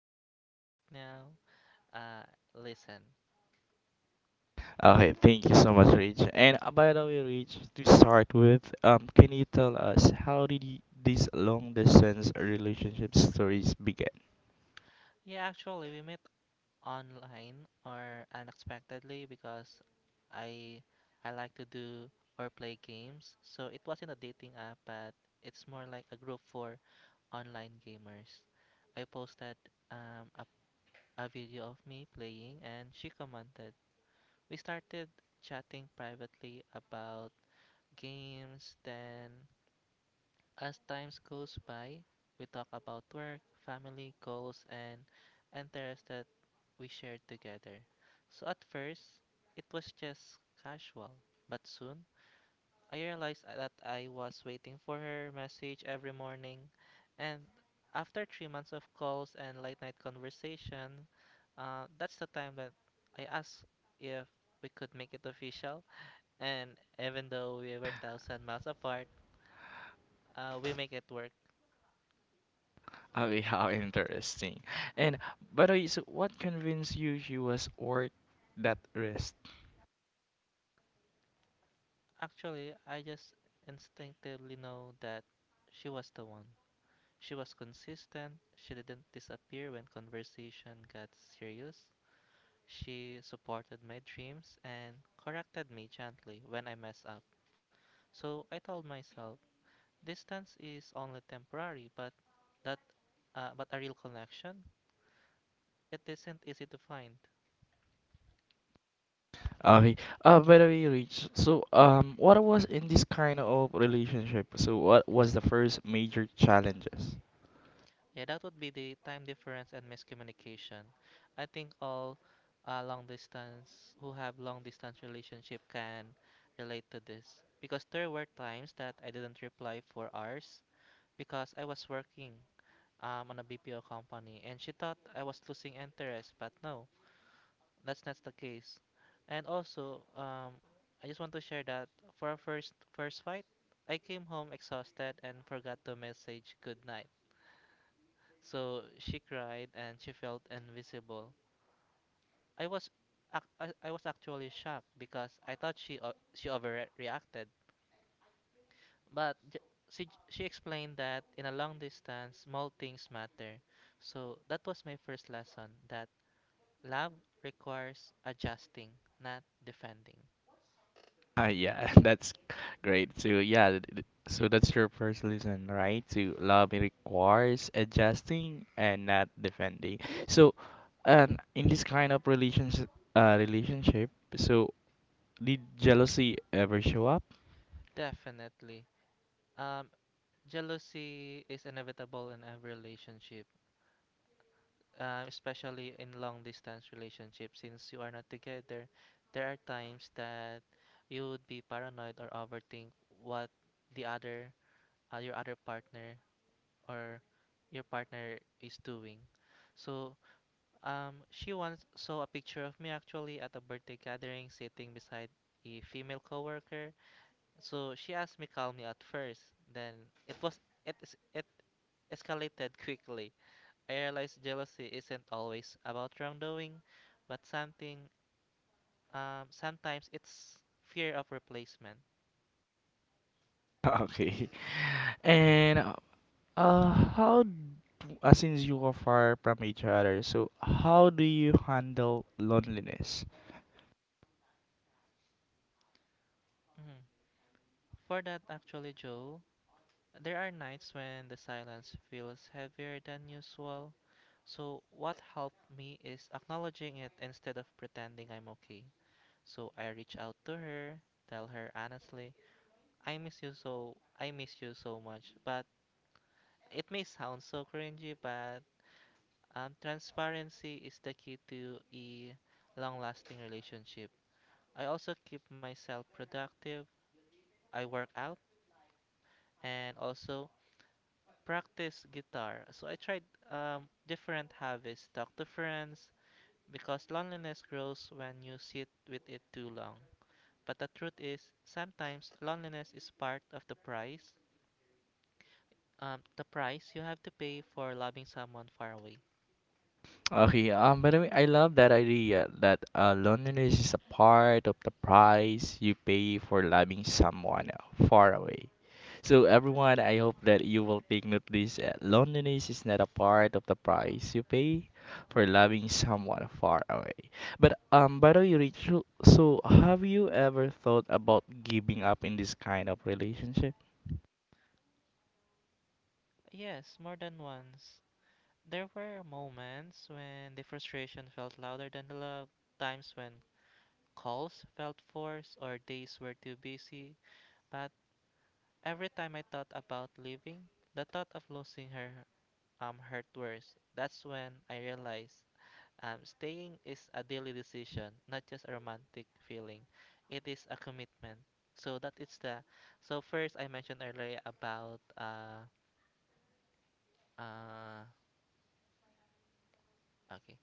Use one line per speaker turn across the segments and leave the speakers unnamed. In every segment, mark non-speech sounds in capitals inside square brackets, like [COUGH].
relationship right now, uh, listen.
Okay, thank you so much, Rich. And by the way, Rich, to start with, can you tell us how did these long distance relationship stories began?
Yeah, actually, we met online or unexpectedly because I I like to do or play games. So it wasn't a dating app, but it's more like a group for online gamers. I posted um, a, a video of me playing and she commented. We started chatting privately about games, then as time goes by, we talk about work, family, goals, and interests that we shared together. So at first, it was just casual, but soon I realized that I was waiting for her message every morning. And after 3 months of calls and late night conversation, that's the time that I asked if we could make it official. And even though we were thousand miles apart, we make it work.
Okay, [LAUGHS] how interesting. And by the way, so what convinced you she was worth that risk?
Actually, I just instinctively know that she was the one. She was consistent, she didn't disappear when conversation got serious. She supported my dreams and corrected me gently when I mess up. So I told myself, distance is only temporary, but that but a real connection, it isn't easy to find.
Okay. By the way, Rich, so what was in this kind of relationship? So what was the first major challenges?
Yeah, that would be the time difference and miscommunication. I think all long distance who have long distance relationship can relate to this because there were times that I didn't reply for hours because I was working on a BPO company and she thought I was losing interest, but no, that's not the case. And also, I just want to share that for our first fight, I came home exhausted and forgot to message good night. So she cried and she felt invisible. I was ac- I was actually shocked because I thought she overreacted. But j- she explained that in a long distance, small things matter. So that was my first lesson that love requires adjusting, not defending.
Yeah, [LAUGHS] that's great. So yeah, so that's your first lesson, right? To love it requires adjusting and not defending. So, and in this kind of relationship, so did jealousy ever show up?
Definitely. Um, Jealousy is inevitable in every relationship. Especially in long distance relationships, since you are not together, there are times that you would be paranoid or overthink what the other, your other partner or your partner is doing. So, she once saw a picture of me actually at a birthday gathering, sitting beside a female coworker. So she asked me calmly at first, then it was it is- it escalated [LAUGHS] quickly. I realize jealousy isn't always about wrongdoing, but something sometimes it's fear of replacement.
[LAUGHS] Okay. And uh, how d- since you are far from each other, so how do you handle loneliness?
Mhm. For that actually, Joe, there are nights when the silence feels heavier than usual. So what helped me is acknowledging it instead of pretending I'm okay. So I reach out to her, tell her honestly, I miss you so much. But it may sound so cringy, but transparency is the key to a long lasting relationship. I also keep myself productive. I work out and also practice guitar. So I tried different hobbies, talk to friends, because loneliness grows when you sit with it too long. But the truth is, sometimes loneliness is part of the price. The price you have to pay for loving someone far away.
Okay, by the way, I love that idea that loneliness is a part of the price you pay for loving someone far away. So, everyone, I hope that you will take note this. Loneliness is not a part of the price you pay for loving someone far away. But, by the way, Rachel, so have you ever thought about giving up in this kind of relationship?
Yes, more than once. There were moments when the frustration felt louder than the love, times when calls felt forced or days were too busy. But every time I thought about leaving, the thought of losing her hurt worse. That's when I realized staying is a daily decision, not just a romantic feeling. It is a commitment. So that is the. So first, I mentioned earlier uh okay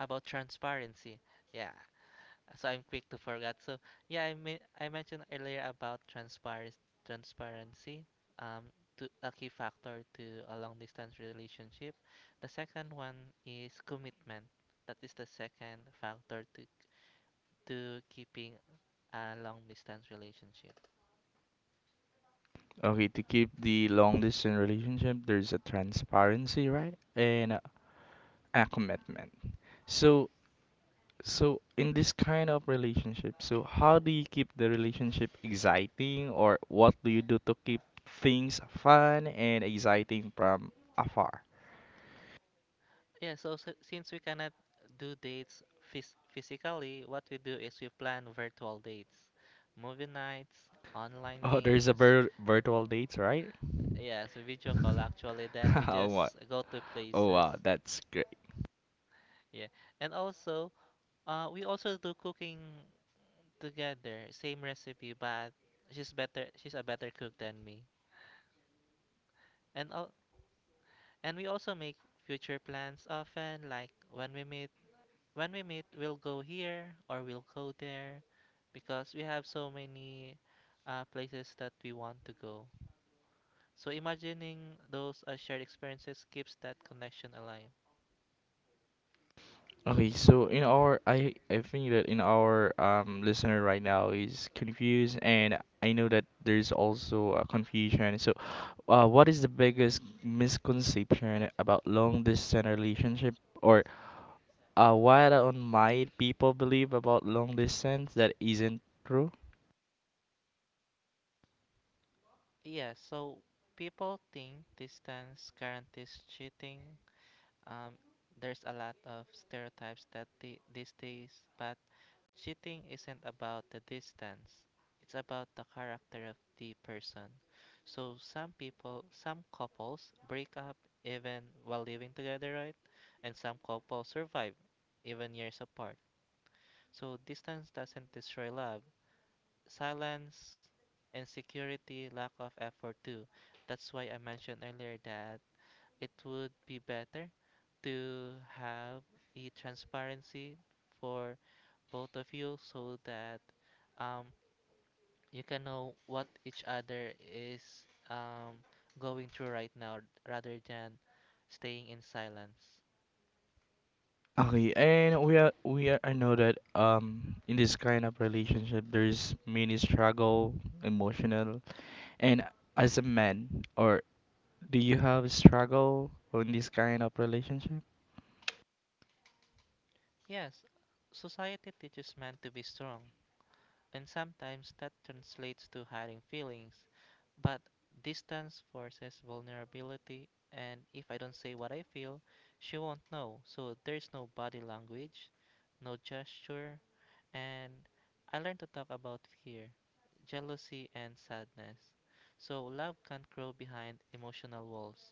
about transparency. Yeah, so I'm quick to forget. So yeah, I mean I mentioned earlier about transparency um to a key factor to a long distance relationship. The second one is commitment. That is the second factor to keeping a long distance relationship.
Okay, to keep the long distance relationship, there's a transparency, right? And a commitment. So, so in this kind of relationship, so how do you keep the relationship exciting, or what do you do to keep things fun and exciting from afar?
Yeah, so, s since we cannot do dates physically, what we do is we plan virtual dates, movie nights, online
Oh, there's a
games,
virtual dates, right?
yes, a video call actually. Then we
[LAUGHS] Oh, wow.
just go to
Oh,
places.
wow. That's great.
Yeah. And also, we also do cooking together. Same recipe, but she's better. She's a better cook than me. And al- and we also make future plans often. Like when we meet, we'll go here or we'll go there, because we have so many places that we want to go. So imagining those shared experiences keeps that connection alive.
Okay, so in our, I think that in our listener right now is confused, and I know that there's also a confusion. So, what is the biggest misconception about long distance relationship, or what on might people believe about long distance that isn't true?
Yeah, so people think distance guarantees cheating. Um, there's a lot of stereotypes that these days, but cheating isn't about the distance. It's about the character of the person. So some people, some couples break up even while living together, right? And some couples survive even years apart. So distance doesn't destroy love, silence, insecurity, lack of effort too. That's why I mentioned earlier that it would be better to have a transparency for both of you so that um, you can know what each other is um, going through right now rather than staying in silence.
Okay, and we are I know that in this kind of relationship there's many struggle, emotional, and as a man or do you have struggle on this kind of relationship?
Yes, society teaches men to be strong, and sometimes that translates to hiding feelings. But distance forces vulnerability, and if I don't say what I feel, she won't know. So there's no body language, no gesture, and I learned to talk about fear, jealousy, and sadness. So love can't grow behind emotional walls.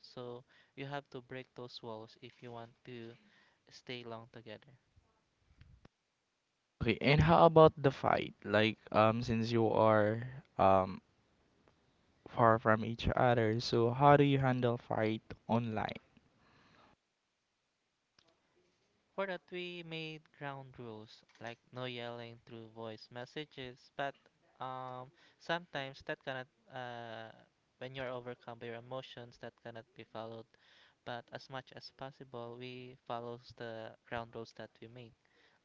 So you have to break those walls if you want to stay long together.
Okay, and how about the fight? Like, since you are um far from each other, so how do you handle fight online?
For that, we made ground rules, like no yelling through voice messages. But um, sometimes that cannot, uh, when you're overcome by your emotions, that cannot be followed. But as much as possible, we follows the ground rules that we make,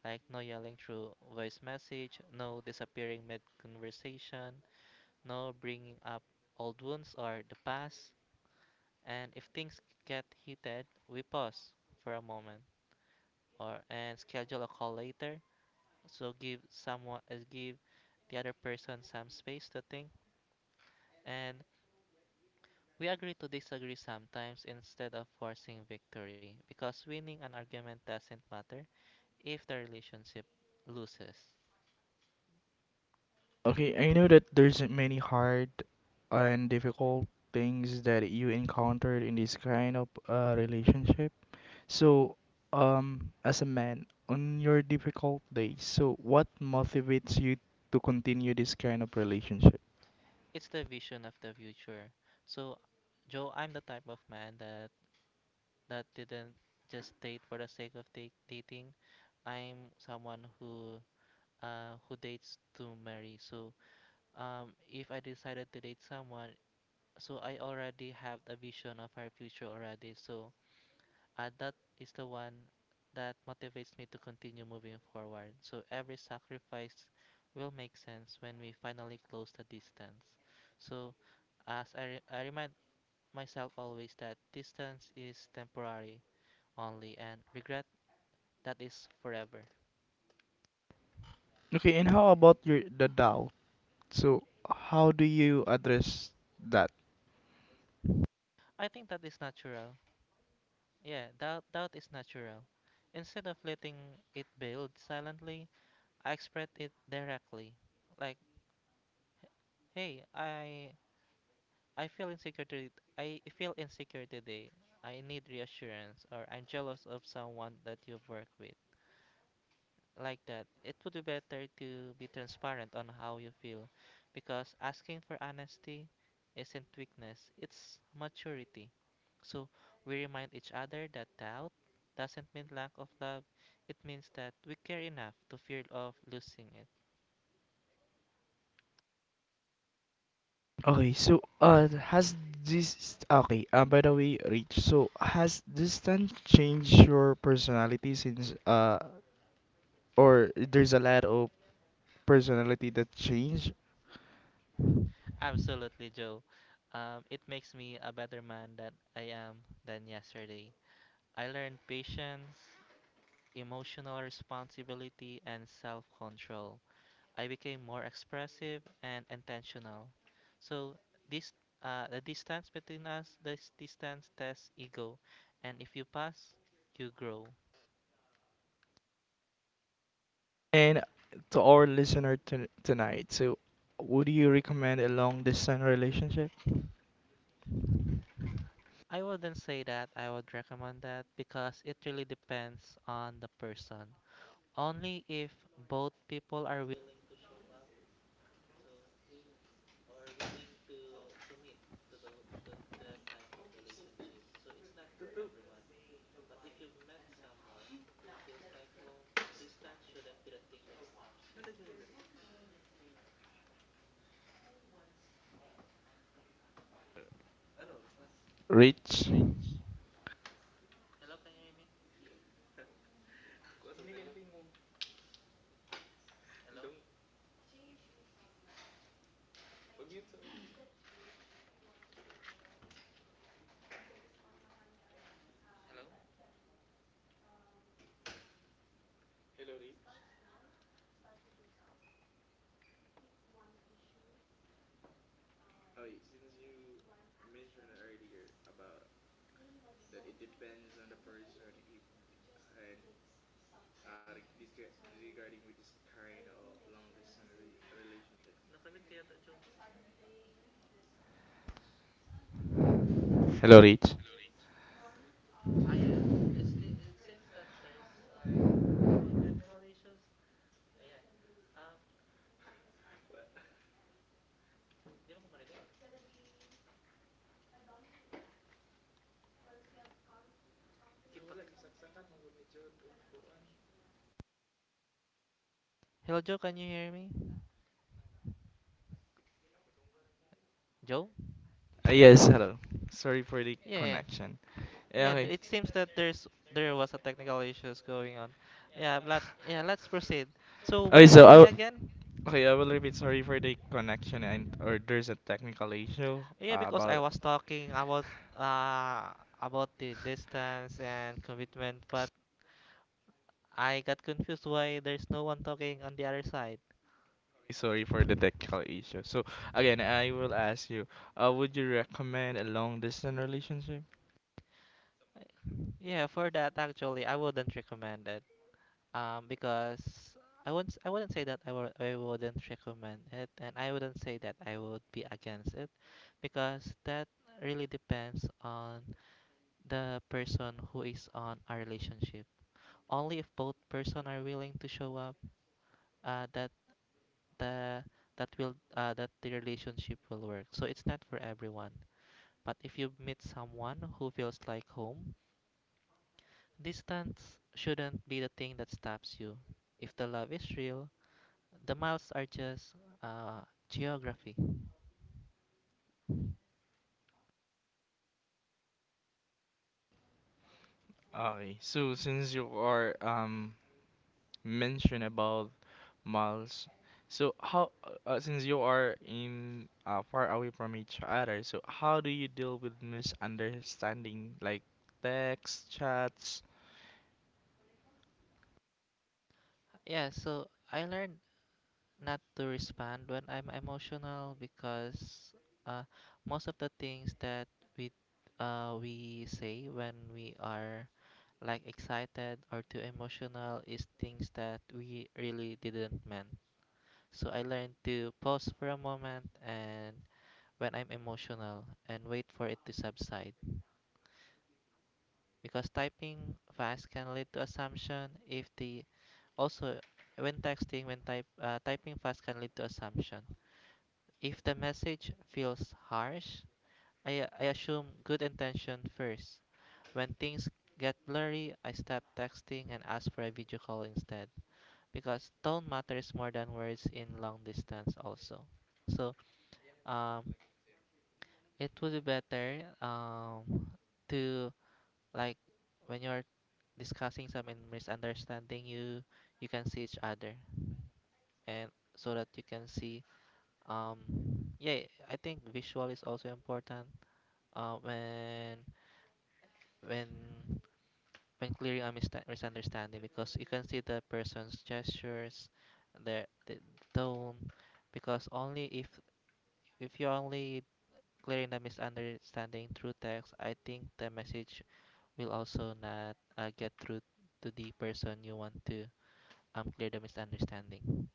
like no yelling through voice message, no disappearing mid conversation, no bringing up old wounds or the past. And if things get heated, we pause for a moment or and schedule a call later. So give the other person some space to think and we agree to disagree sometimes instead of forcing victory because winning an argument doesn't matter if the relationship loses.
Okay, I know that there's many hard and difficult things that you encountered in this kind of relationship. So, as a man, on your difficult days, so what motivates you to continue this kind of relationship?
It's the vision of the future. So Joe, I'm the type of man that didn't just date for the sake of date dating. I'm someone who dates to marry. So if I decided to date someone, so I already have a vision of our future already. So that is the one that motivates me to continue moving forward. So every sacrifice will make sense when we finally close the distance. So I remind myself always that distance is temporary only and regret that is forever.
Okay, and how about your the doubt? So, how do you address that?
I think that is natural. Yeah, doubt is natural. Instead of letting it build silently, I express it directly. Like, hey, I feel insecure to, I feel insecure today. I need reassurance or I'm jealous of someone that you've worked with. Like that. It would be better to be transparent on how you feel because asking for honesty isn't weakness, it's maturity. So we remind each other that doubt doesn't mean lack of love, it means that we care enough to fear of losing it.
Okay, so by the way, Rich, so has this distance changed your personality since or there's a lot of personality that changed?
Absolutely, Joe. It makes me a better man that I am than yesterday. I learned patience, emotional responsibility, and self control. I became more expressive and intentional. So, this the distance between us, this distance tests ego, and if you pass, you grow.
And to our listener to tonight, so would you recommend a long distance relationship?
I wouldn't say that I would recommend that because it really depends on the person. Only if both people are like, oh,
Rich?
hello, can you hear me? Napalit kaya to Jun?
Hello, Rich.
Ah, yeah. It seems that there's like in technical issues. Ayan. Um, Di mo ko marinig. Hello, Joe. Can you hear me? Joe?
Yes, hello. Sorry for the
Yeah, yeah.
connection. Yeah,
Yeah,
okay.
it seems that there was a technical issues going on. Yeah, but yeah, let's proceed. So
Okay,
where
so
were we
I
again?
Okay, I will repeat. Sorry for the connection and or there's a technical issue
Yeah, because I
about.
was talking uh about the distance and
[LAUGHS]
commitment, but I got confused why there's no one talking on the other side.
Sorry for the technical issue. So again, I will ask you, would you recommend a long distance relationship?
Yeah, for that actually, I wouldn't recommend it. Because I wouldn't say that I wouldn't recommend it, and I wouldn't say that I would be against it, because that really depends on the person who is on a relationship. Only if both person are willing to show up, that the that will that the relationship will work. So it's not for everyone. But if you meet someone who feels like home, distance shouldn't be the thing that stops you. If the love is real, the miles are just uh, geography.
Okay, so since you are mentioned about miles. So how, since you are in far away from each other, so how do you deal with misunderstanding like text, chats?
Yeah, so I learned not to respond when I'm emotional because uh, most of the things that we we say when we are like excited or too emotional is things that we really didn't meant. So I learned to pause for a moment and when I'm emotional and wait for it to subside. Because typing fast can lead to assumption if the also when texting when type typing fast can lead to assumption. If the message feels harsh, I assume good intention first. When things get blurry, I stop texting and ask for a video call instead because tone matters more than words in long distance also. So, um, It would be better to like when you're discussing some and misunderstanding you can see each other and so that you can see um yeah, I think visual is also important uh, when when when clearing a misunderstanding because you can see the person's gestures, their the tone. Because only if you're only clearing the misunderstanding through text, I think the message will also not get through to the person you want to clear the misunderstanding.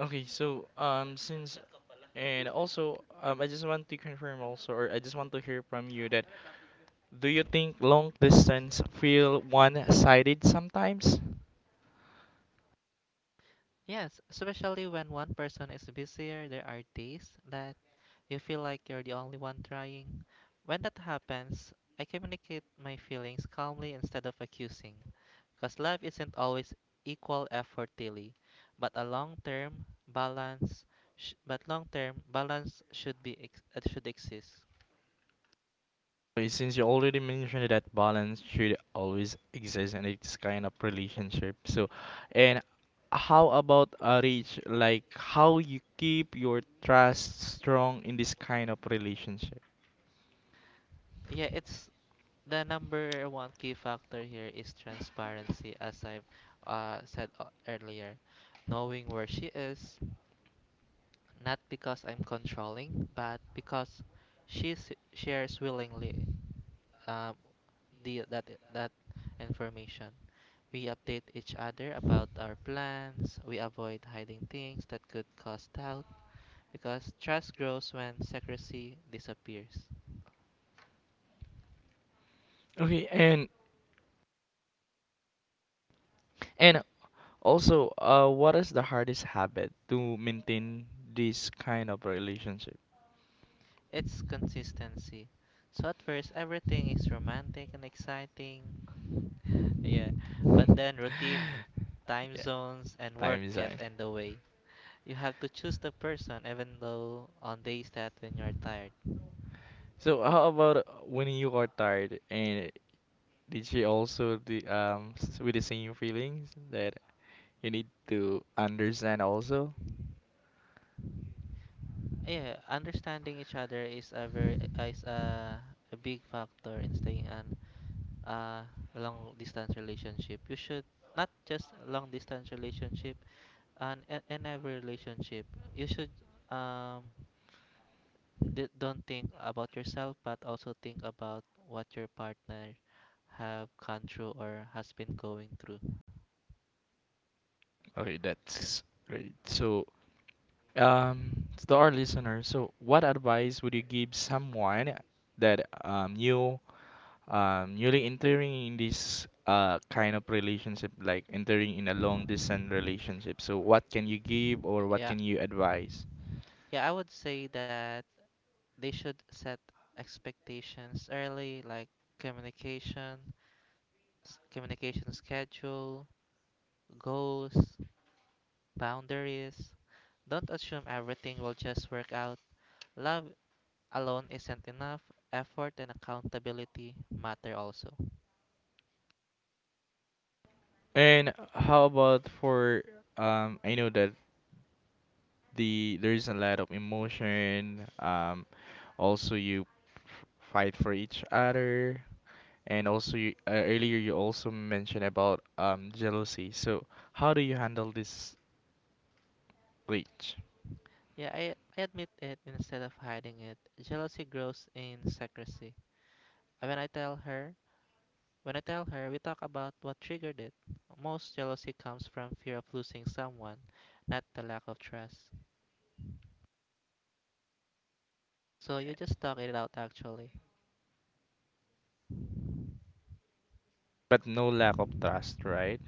Okay, so since and also I just want to confirm also or I just want to hear from you that do you think long distance feel one-sided sometimes?
Yes, especially when one person is busier, there are days that you feel like you're the only one trying. When that happens, I communicate my feelings calmly instead of accusing, because life isn't always equal effort daily, but a long-term balance, sh- but long-term balance should should exist.
Okay, since you already mentioned that balance should always exist in this kind of relationship, so and how about Rich, like how you keep your trust strong in this kind of relationship?
Yeah, it's the number one key factor here is transparency, as I've said earlier. Knowing where she is, not because I'm controlling, but because shares willingly um, the, that, that information. We update each other about our plans, we avoid hiding things that could cause doubt, because trust grows when secrecy disappears.
Okay, and also, what is the hardest habit to maintain this kind of relationship?
It's consistency. So at first, everything is romantic and exciting. Yeah, but then routine, time
Yeah,
zones, and work
time is on.
get in the way. You have to choose the person even though on days that when you're tired.
So how about when you are tired and did you also the with the same feelings that you need to understand also?
Yeah, understanding each other is a a big factor in staying in a long distance relationship. You should not just long distance relationship and in every relationship. You should um don't think about yourself but also think about what your partner have gone through or has been going through.
Okay, that's great. So, to our listeners, so what advice would you give someone that newly entering in this kind of relationship, like entering in a long distance relationship? So what can you give or what
yeah
can you advise?
yeah, I would say that they should set expectations early, like communication communication schedule, goals, boundaries. Don't assume everything will just work out. Love alone isn't enough. Effort and accountability matter also.
And how about for I know that there is a lot of emotion also f- fight for each other and also you, earlier you also mentioned about jealousy. So how do you handle this glitch?
Yeah, I admit it instead of hiding it. Jealousy grows in secrecy. Uh, When I tell her, when I tell her, we talk about what triggered it. Most jealousy comes from fear of losing someone, not the lack of trust. So you just talk it out actually.
But no lack of trust, right?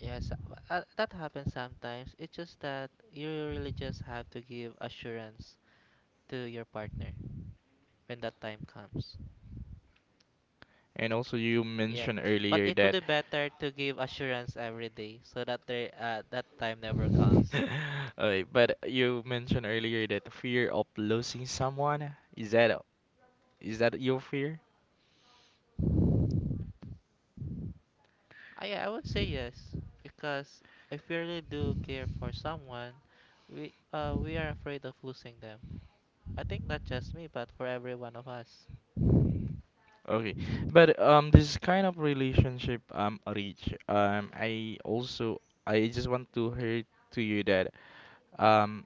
Yes, that happens sometimes. It's just that you really just have to give assurance to your partner when that time comes.
And also you
Yeah,
mentioned
but
earlier
it would
that
be better to give assurance every day so that that time never comes.
[LAUGHS] Okay, but you mentioned earlier that fear of losing someone. Is that your fear?
I would say yes because if we really do care for someone, we are afraid of losing them. I think not just me, but for every one of us.
Okay, but this kind of relationship Rich, I also I just want to hear to you that um,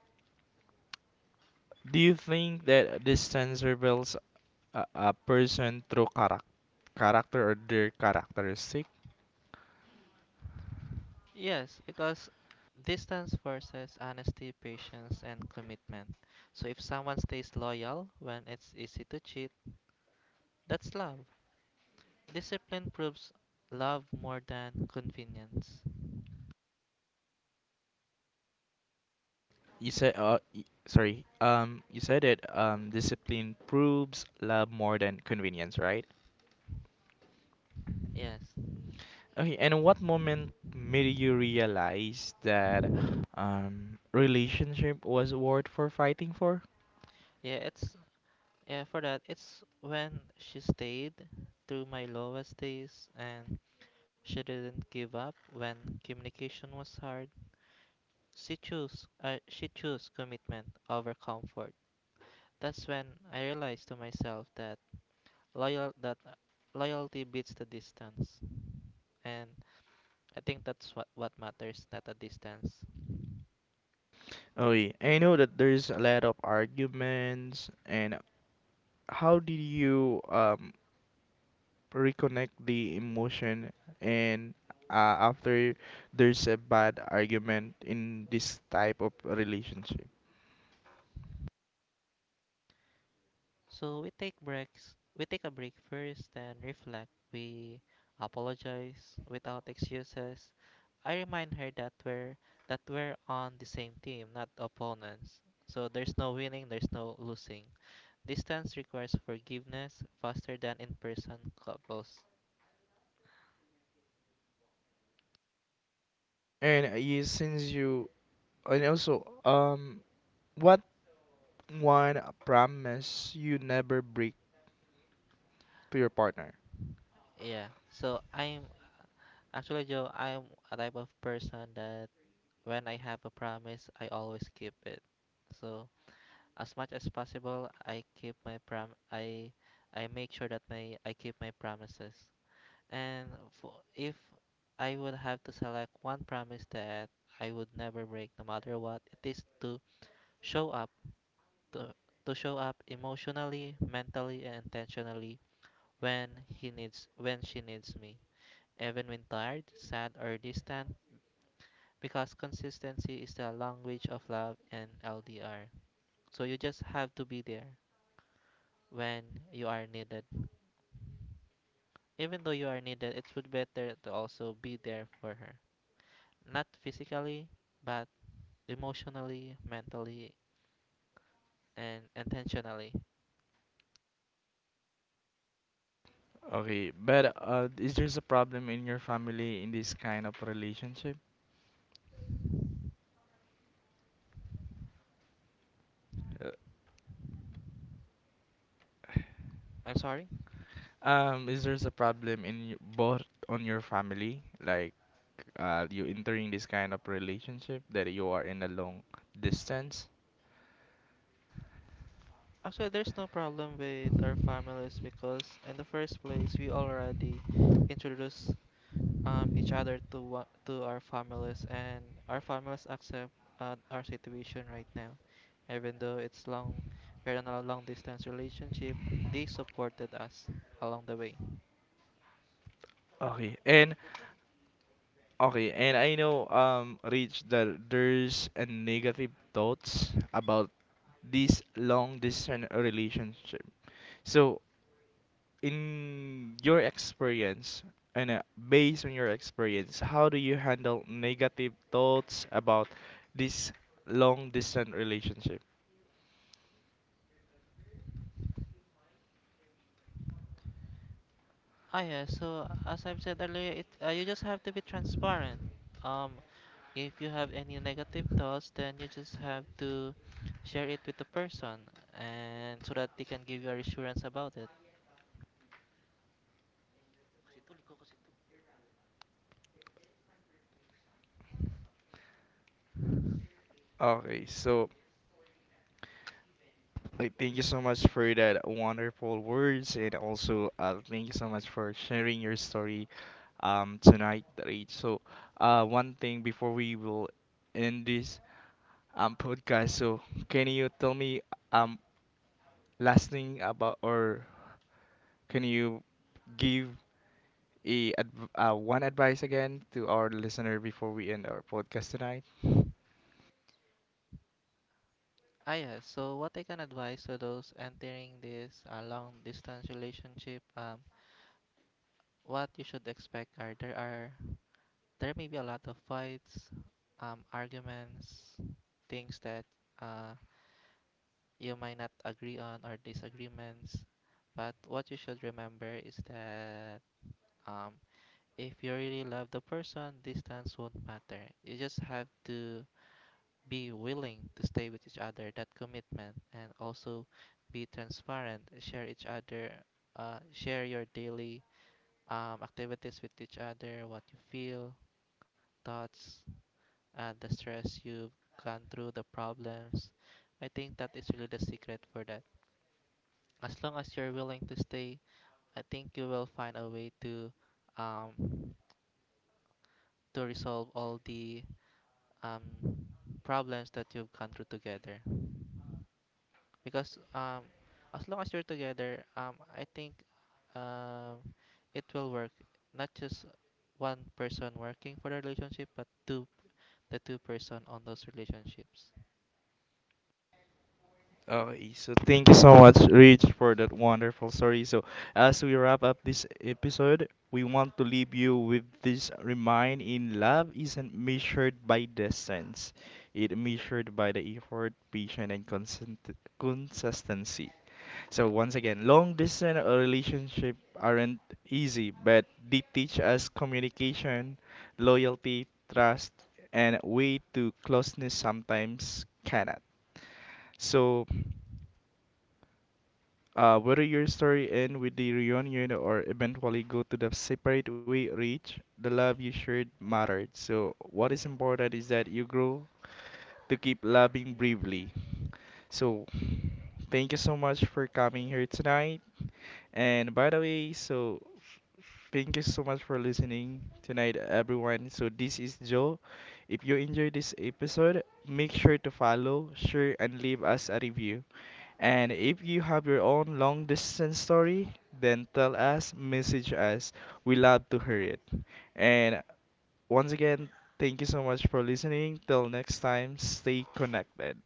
do you think that distance reveals a person through character or their characteristics?
Yes, because distance versus honesty, patience, and commitment. So if someone stays loyal when it's easy to cheat, that's love. Discipline proves love more than convenience.
You said, sorry. You said it. Discipline proves love more than convenience, right?
Yes.
Okay. And what moment made you realize that, relationship was worth for fighting for?
Yeah, it's yeah, for that it's when she stayed through my lowest days, and she didn't give up when communication was hard. She chose commitment over comfort. That's when I realized to myself that loyal that loyalty beats the distance. And I think that's what matters, not the distance.
Oh, yeah. I know that there's a lot of arguments. And how did you reconnect the emotion and after there's a bad argument in this type of relationship?
We take a break first, then reflect. We apologize without excuses. I remind her that we're on the same team, not opponents. So there's no winning, there's no losing. Distance requires forgiveness faster than in-person couples.
And you, since you And also, what one promise you never break to your partner?
Yeah. So I'm actually, Joe, I'm a type of person that when I have a promise, I always keep it. So as much as possible, I keep my prom I make sure that my I keep my promises. And if I would have to select one promise that I would never break no matter what, it is to show up to, to show up emotionally, mentally, and intentionally when he needs when she needs me, even when tired, sad, or distant, because consistency is the language of love and ldr. So you just have to be there when you are needed. Even though you are needed, it's would better to also be there for her. Not physically, but emotionally, mentally, and intentionally.
Okay, but is there a problem in your family in this kind of relationship? Uh,
I'm sorry?
Is there a problem in both on your family, like you entering this kind of relationship that you are in a long distance?
Actually, there's no problem with our families because in the first place, we already introduce each other to to our families, and our families accept our situation right now. Even though it's long, we're in a long distance relationship, they supported us along the way.
Okay, and Okay, and I know, Rich, that there's a negative thoughts about this long distance relationship. So, in your experience, and based on your experience, how do you handle negative thoughts about this long distance relationship?
Ah, yeah. So as I've said earlier, it you just have to be transparent. Um, if you have any negative thoughts, then you just have to share it with the person, and so that they can give you a reassurance about it.
Okay, so like thank you so much for that wonderful words, and also thank you so much for sharing your story tonight, Rach. So, one thing before we will end this podcast, so can you tell me um last thing about or can you give a adv one advice again to our listener before we end our podcast tonight?
Ah, yeah. So what I can advise to those entering this long-distance relationship, what you should expect are there may be a lot of fights, arguments, things that uh you might not agree on, or disagreements. But what you should remember is that um, if you really love the person, distance won't matter. You just have to be willing to stay with each other, that commitment, and also be transparent, share each other, share your daily activities with each other, what you feel, thoughts, the stress you've gone through, the problems. I think that is really the secret for that. As long as you're willing to stay, I think you will find a way um, to resolve all the um, problems that you've gone through together. Because as long as you're together, I think um, it will work. Not just one person working for the relationship, but two the two person on those relationships.
Okay, so thank you so much, Rich, for that wonderful story. So, as we wrap up this episode, we want to leave you with this remind in love isn't measured by distance. It measured by the effort, patience, and consent consistency. So once again, long distance relationship aren't easy, but they teach us communication, loyalty, trust, and way to closeness sometimes cannot. So whether your story end with the reunion or eventually go to the separate way reach, the love you shared mattered. So what is important is that you grow to keep loving bravely. So thank you so much for coming here tonight. And by the way, so thank you so much for listening tonight, everyone. So this is Joe. If you enjoyed this episode, make sure to follow, share, and leave us a review. And if you have your own long distance story, then tell us, message us. We love to hear it. And once again, thank you so much for listening. Till next time, stay connected.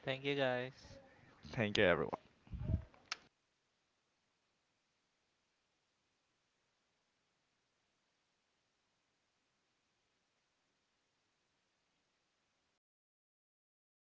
Thank you guys.
Thank you, everyone.